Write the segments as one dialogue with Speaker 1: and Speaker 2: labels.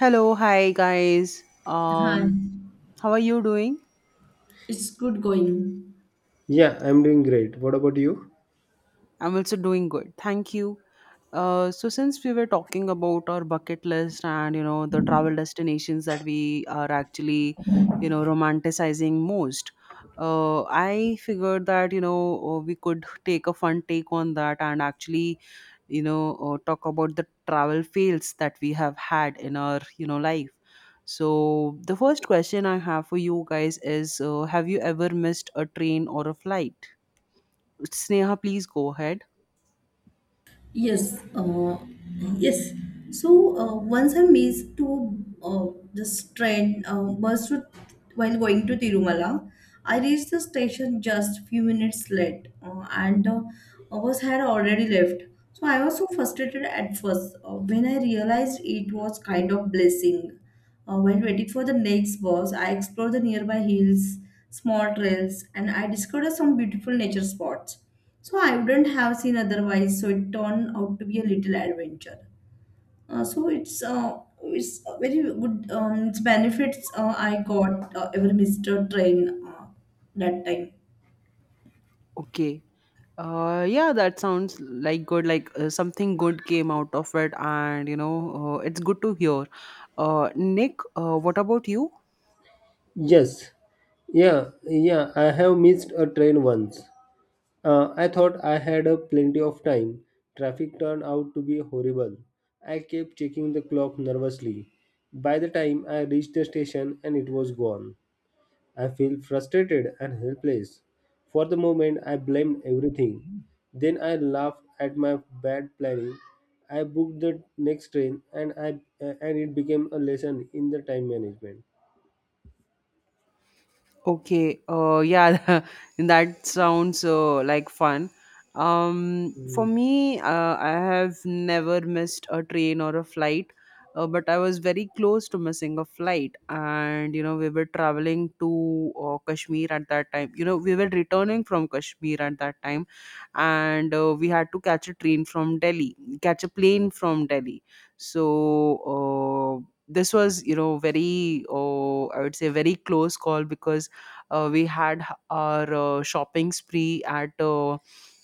Speaker 1: Hello, hi guys.
Speaker 2: Hi,
Speaker 1: How are you doing?
Speaker 2: it's good going.
Speaker 3: Yeah, I'm doing great. What about you?
Speaker 1: I'm also doing good. Thank you. So since we were talking about our bucket list and the travel destinations that we are actually romanticizing most, I figured that we could take a fun take on that and actually talk about the travel fails that we have had in our life, so the first question I have for you guys is, have you ever missed a train or a flight? Sneha, please go ahead.
Speaker 2: Yes, yes. So once I missed to uh, this train bus to, while going to Tirumala, I reached the station just few minutes late, and a bus had already left. So I was so frustrated at first when I realized it was kind of blessing. When waiting for the next bus, I explored the nearby hills, small trails, and I discovered some beautiful nature spots. So I wouldn't have seen otherwise. So it turned out to be a little adventure. So it's a very good. It's benefits I got ever missed a train that time.
Speaker 1: Okay. Yeah, that sounds like good. Like, something good came out of it, and it's good to hear. Nick, what about you?
Speaker 3: Yes. Yeah, yeah, I have missed a train once. I thought I had a plenty of time. Traffic turned out to be horrible. I kept checking the clock nervously. By the time I reached the station and it was gone. I feel frustrated and helpless. For the moment, I blamed everything. Then I laughed at my bad planning. I booked the next train and I and it became a lesson in the time management.
Speaker 1: Okay. Yeah, that sounds like fun. Um,
Speaker 3: Uh,
Speaker 1: for me, I have never missed a train or a flight, but I was very close to missing a flight. And, you know, we were traveling to Kashmir at that time. You know, we were returning from Kashmir at that time, and we had to catch a train from Delhi, catch a plane from Delhi. So, this was, you know, very, I would say, very close call because we had our shopping spree at uh,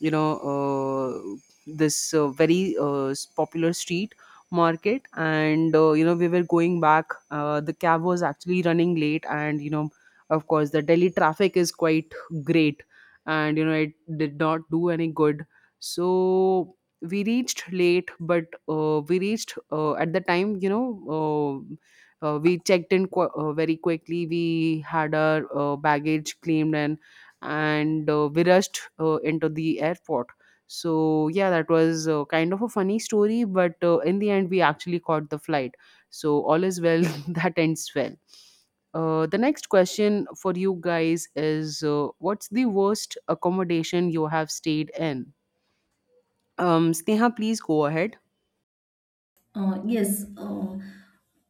Speaker 1: you know uh, this very popular street market, and you know, we were going back. The cab was actually running late, and you know, of course the Delhi traffic is quite great, and you know, it did not do any good. So we reached late, but we reached at the time, you know. uh, we checked in very quickly. We had our baggage claimed, and and we rushed into the airport. So yeah, that was kind of a funny story, but in the end, we actually caught the flight. So all is well, that ends well. The next question for you guys is, what's the worst accommodation you have stayed in? Sneha, please go ahead.
Speaker 2: Uh, yes. Uh,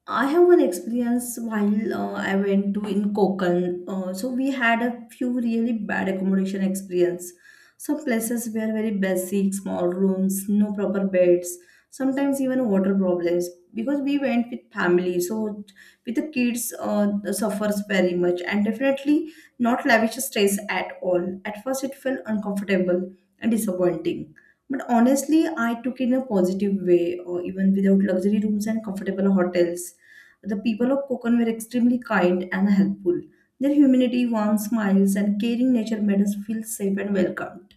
Speaker 2: I have one experience while I went to in Konkan. So we had a few really bad accommodation experience. Some places were very basic, small rooms, no proper beds, sometimes even water problems. Because we went with family, so with the kids suffers very much and definitely not lavish stays at all. At first, it felt uncomfortable and disappointing. But honestly, I took it in a positive way, or even without luxury rooms and comfortable hotels. The people of Konkan were extremely kind and helpful. Their humanity, warm smiles, and caring nature made us feel safe and welcomed.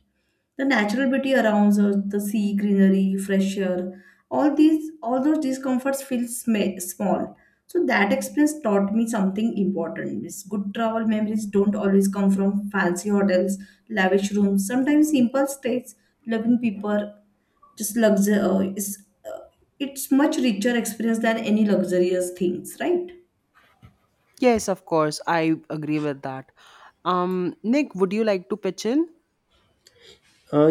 Speaker 2: The natural beauty around us, the sea, greenery, fresh air, all those discomforts feel small. So that experience taught me something important. Means good travel memories don't always come from fancy hotels, lavish rooms. Sometimes simple stays, loving people, just luxury is it's much richer experience than any luxurious things, right?
Speaker 1: Yes, of course. I agree with that. Nick, would you like to pitch in?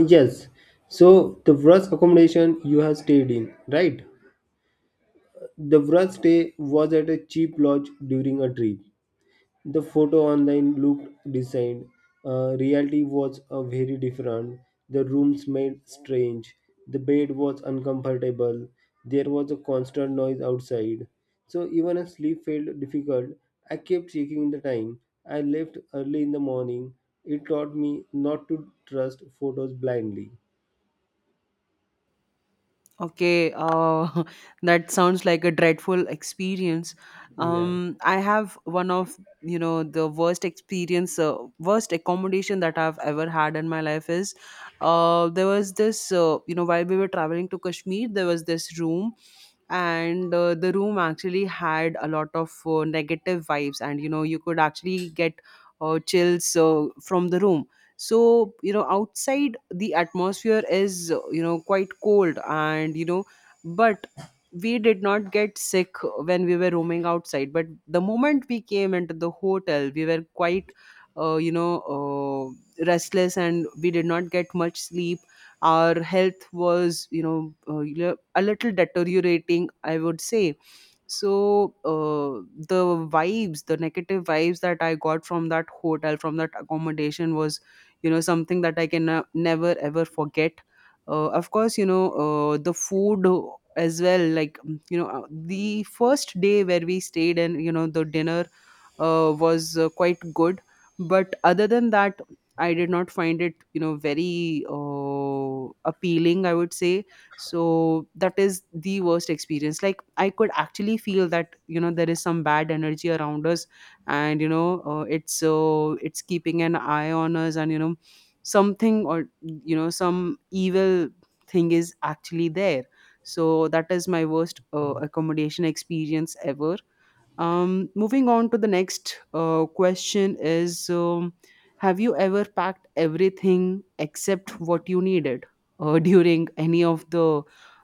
Speaker 3: yes. So the first accommodation you have stayed in, right? The first stay was at a cheap lodge during a trip. The photo online looked decent. Reality was very different. The room smelled strange. The bed was uncomfortable. There was a constant noise outside. So even a sleep felt difficult. I kept checking the time. I left early in the morning. It taught me not to trust photos blindly.
Speaker 1: Okay, that sounds like a dreadful experience.
Speaker 3: Yeah.
Speaker 1: I have one of the worst experience, worst accommodation that I've ever had in my life is, there was this you know, while we were traveling to Kashmir, there was this room, and the room actually had a lot of negative vibes, and you know, you could actually get chills from the room. So you know, outside the atmosphere is, you know, quite cold, and you know, but we did not get sick when we were roaming outside. But the moment we came into the hotel, we were quite restless, and we did not get much sleep. Our health was, you know, a little deteriorating, I would say. So the vibes, the negative vibes that I got from that hotel, from that accommodation, was, you know, something that I can never ever forget. Of course, you know, the food as well, like you know, the first day where we stayed and, you know, the dinner was quite good. But other than that, I did not find it, you know, very appealing, I would say. So that is the worst experience. Like, I could actually feel that, you know, there is some bad energy around us, and, you know, it's, it's keeping an eye on us, and, you know, something or, you know, some evil thing is actually there. So that is my worst accommodation experience ever. Um, moving on to the next question is, have you ever packed everything except what you needed, during any of the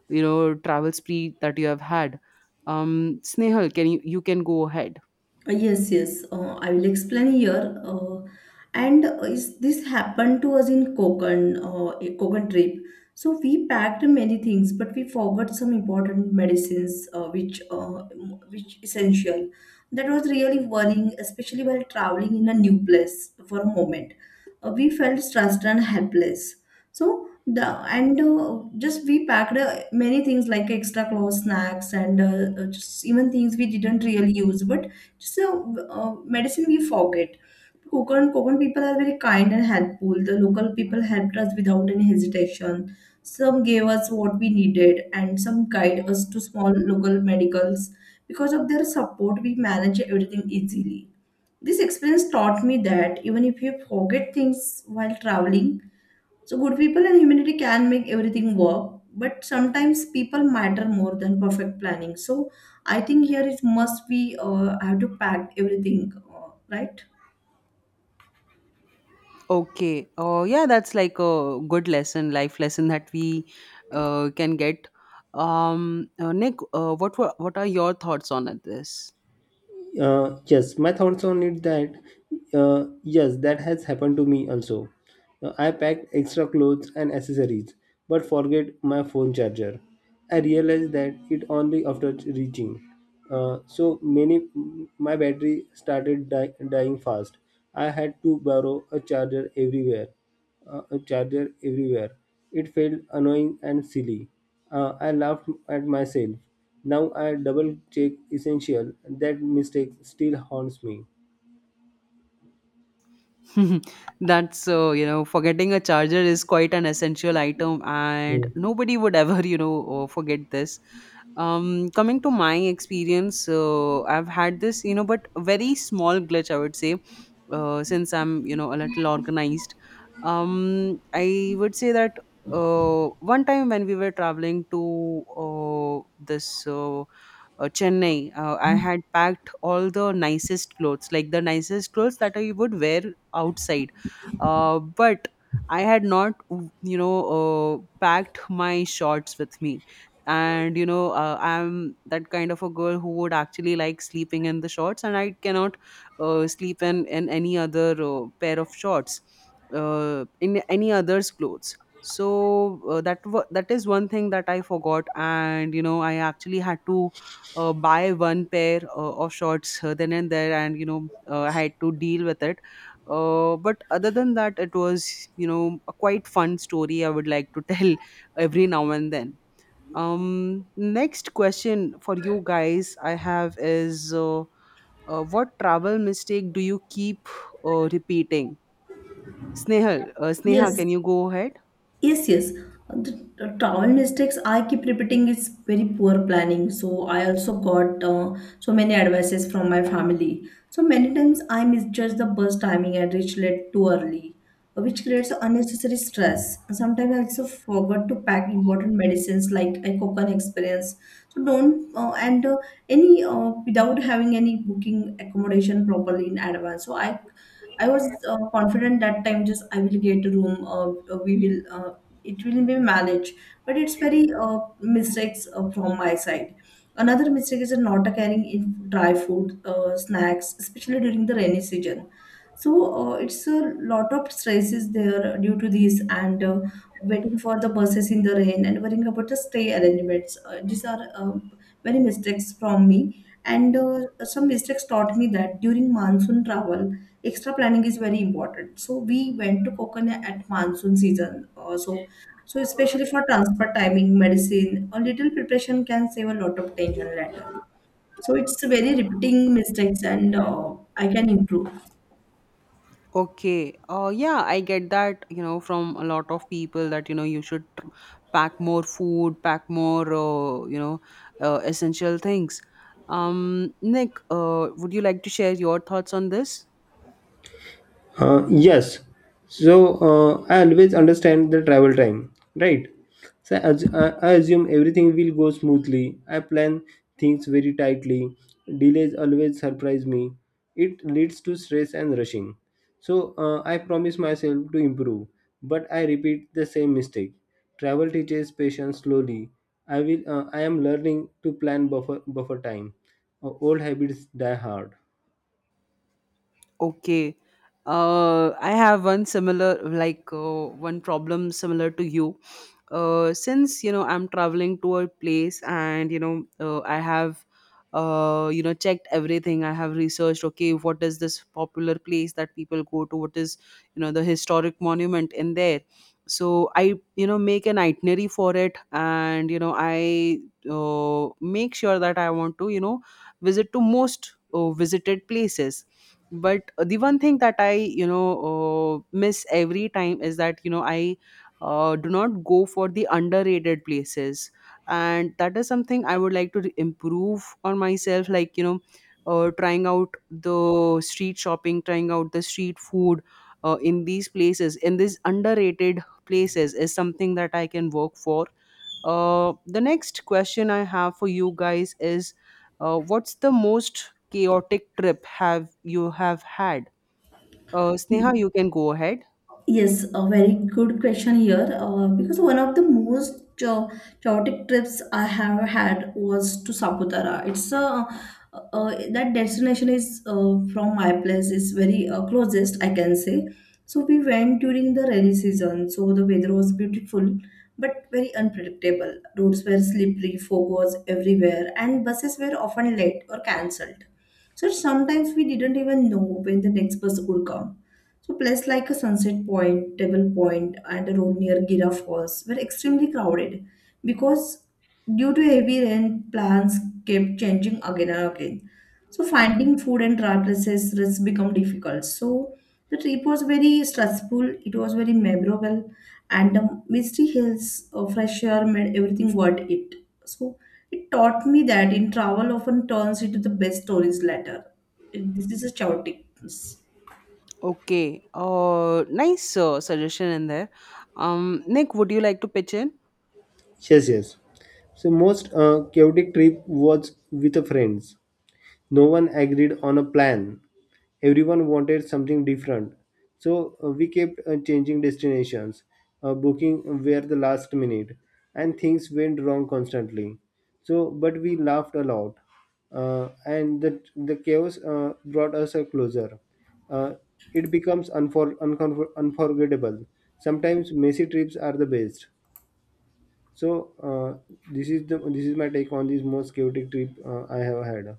Speaker 1: travel spree that you have had? Snehal, can you can go ahead.
Speaker 2: Yes. I will explain here. And is this happened to us in Konkan, a Konkan trip. So we packed many things, but we forgot some important medicines, which essential. That was really worrying, especially while traveling in a new place for a moment. We felt stressed and helpless. So the and just we packed many things like extra clothes, snacks, and just even things we didn't really use, but so, medicine we forget. Konkan people are very kind and helpful. The local people helped us without any hesitation. Some gave us what we needed, and some guide us to small local medicals. Because of their support, we manage everything easily. This experience taught me that even if you forget things while traveling, so good people and humanity can make everything work, but sometimes people matter more than perfect planning. So I think here it must be, I have to pack everything, right?
Speaker 1: Okay. Oh, yeah, that's like a good lesson, life lesson that we can get. Nick, what are your thoughts on it, this?
Speaker 3: Yes, my thoughts on it that yes, that has happened to me also. I packed extra clothes and accessories, but forget my phone charger. I realized that it only after reaching. Uh, so many, my battery started dying fast. I had to borrow a charger everywhere. uh, a charger everywhere. It felt annoying and silly. I laughed at myself. Now I double check essential. That mistake still haunts me.
Speaker 1: That's so, you know, forgetting a charger is quite an essential item, and nobody would ever, you know, forget this. Coming to my experience, so I've had this, you know, but a very small glitch, I would say, since I'm, you know, a little organized. I would say that one time when we were traveling to this Chennai, I had packed all the nicest clothes, like the nicest clothes that I would wear outside. But I had not, you know, packed my shorts with me. And, you know, I'm that kind of a girl who would actually like sleeping in the shorts, and I cannot sleep in any other pair of shorts, in any other's clothes. So that wa that is one thing that I forgot, and you know, I actually had to buy one pair of shorts then and there, and you know, I had to deal with it. But other than that, it was, you know, a quite fun story I would like to tell every now and then. Um, next question for you guys I have is, what travel mistake do you keep repeating? Sneha,
Speaker 2: Yes,
Speaker 1: can you go ahead?
Speaker 2: yes. The travel mistakes I keep repeating is very poor planning. So I also got so many advices from my family. So many times I misjudge the bus timing and reach late too early, which creates unnecessary stress. Sometimes I also forgot to pack important medicines like I coconut experience. So don't and any without having any booking accommodation properly in advance. So I was confident that time just I will get a room. We will it will be managed, but it's very mistakes from my side. Another mistake is not carrying in dry food snacks, especially during the rainy season. So it's a lot of stresses there due to this, and waiting for the buses in the rain and worrying about the stay arrangements. These are many mistakes from me. And some mistakes taught me that during monsoon travel, extra planning is very important. So we went to Kokan at monsoon season. So especially for transport timing, medicine, a little preparation can save a lot of tension later. So it's very repeating mistakes and I can improve.
Speaker 1: Okay. Yeah, I get that, you know, from a lot of people that, you know, you should pack more food, pack more, essential things. Nick, would you like to share your thoughts on this?
Speaker 3: Uh, yes. So I always understand the travel time, right? So I, as, I assume everything will go smoothly. I plan things very tightly. Delays always surprise me. It leads to stress and rushing. So I promise myself to improve, but I repeat the same mistake. Travel teaches patience slowly. I will. I am learning to plan buffer time. Old habits die hard.
Speaker 1: Okay. I have one similar, like one problem similar to you. Since you know, I'm traveling to a place, and you know, I have, you know, checked everything. I have researched. Okay, what is this popular place that people go to? What is, you know, the historic monument in there? So I, you know, make an itinerary for it, and you know, I make sure that I want to, you know, visit to most visited places. But the one thing that I, you know, miss every time is that, you know, I do not go for the underrated places. And that is something I would like to improve on myself, like, you know, trying out the street shopping, trying out the street food in these places, in these underrated places, is something that I can work for. The next question I have for you guys is, what's the most chaotic trip have you have had? Sneha, you can go ahead.
Speaker 2: Yes, a very good question here. Because one of the most chaotic trips I have had was to Saputara. It's a that destination is from my place is very closest I can say. So we went during the rainy season. So the weather was beautiful, but very unpredictable. Roads were slippery, fog was everywhere, and buses were often late or cancelled. So sometimes we didn't even know when the next bus would come. So places like a Sunset Point, Table Point, and a road near Gira Falls were extremely crowded because due to heavy rain, plans kept changing again and again. So finding food and dry places has become difficult. So the trip was very stressful. It was very memorable, and the misty hills, fresh air made everything worth it. So it taught me that in travel often turns into the best stories later. This is a chaotic.
Speaker 1: Okay. Nice suggestion in there. Nick, would you like to pitch in?
Speaker 3: Yes, yes. So most chaotic trip was with the friends. No one agreed on a plan. Everyone wanted something different. So we kept changing destinations, booking were the last minute, and things went wrong constantly. So, but we laughed a lot, and the chaos brought us a closer. Uh, it becomes unforgettable. Sometimes messy trips are the best. So this is my take on this most chaotic trip I have had.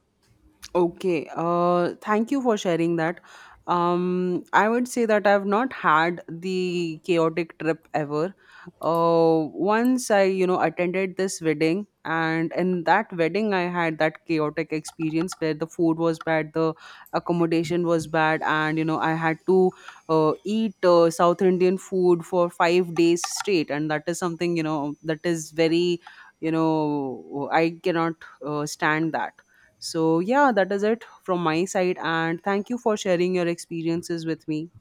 Speaker 1: Okay. Thank you for sharing that. I would say that I've not had the chaotic trip ever. Once I, you know, attended this wedding, and in that wedding, I had that chaotic experience where the food was bad, the accommodation was bad, and you know, I had to eat South Indian food for 5 days straight, and that is something, you know, that is very, you know, I cannot stand that. So, yeah, that is it from my side. And thank you for sharing your experiences with me.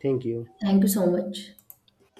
Speaker 3: Thank you.
Speaker 2: Thank you so much.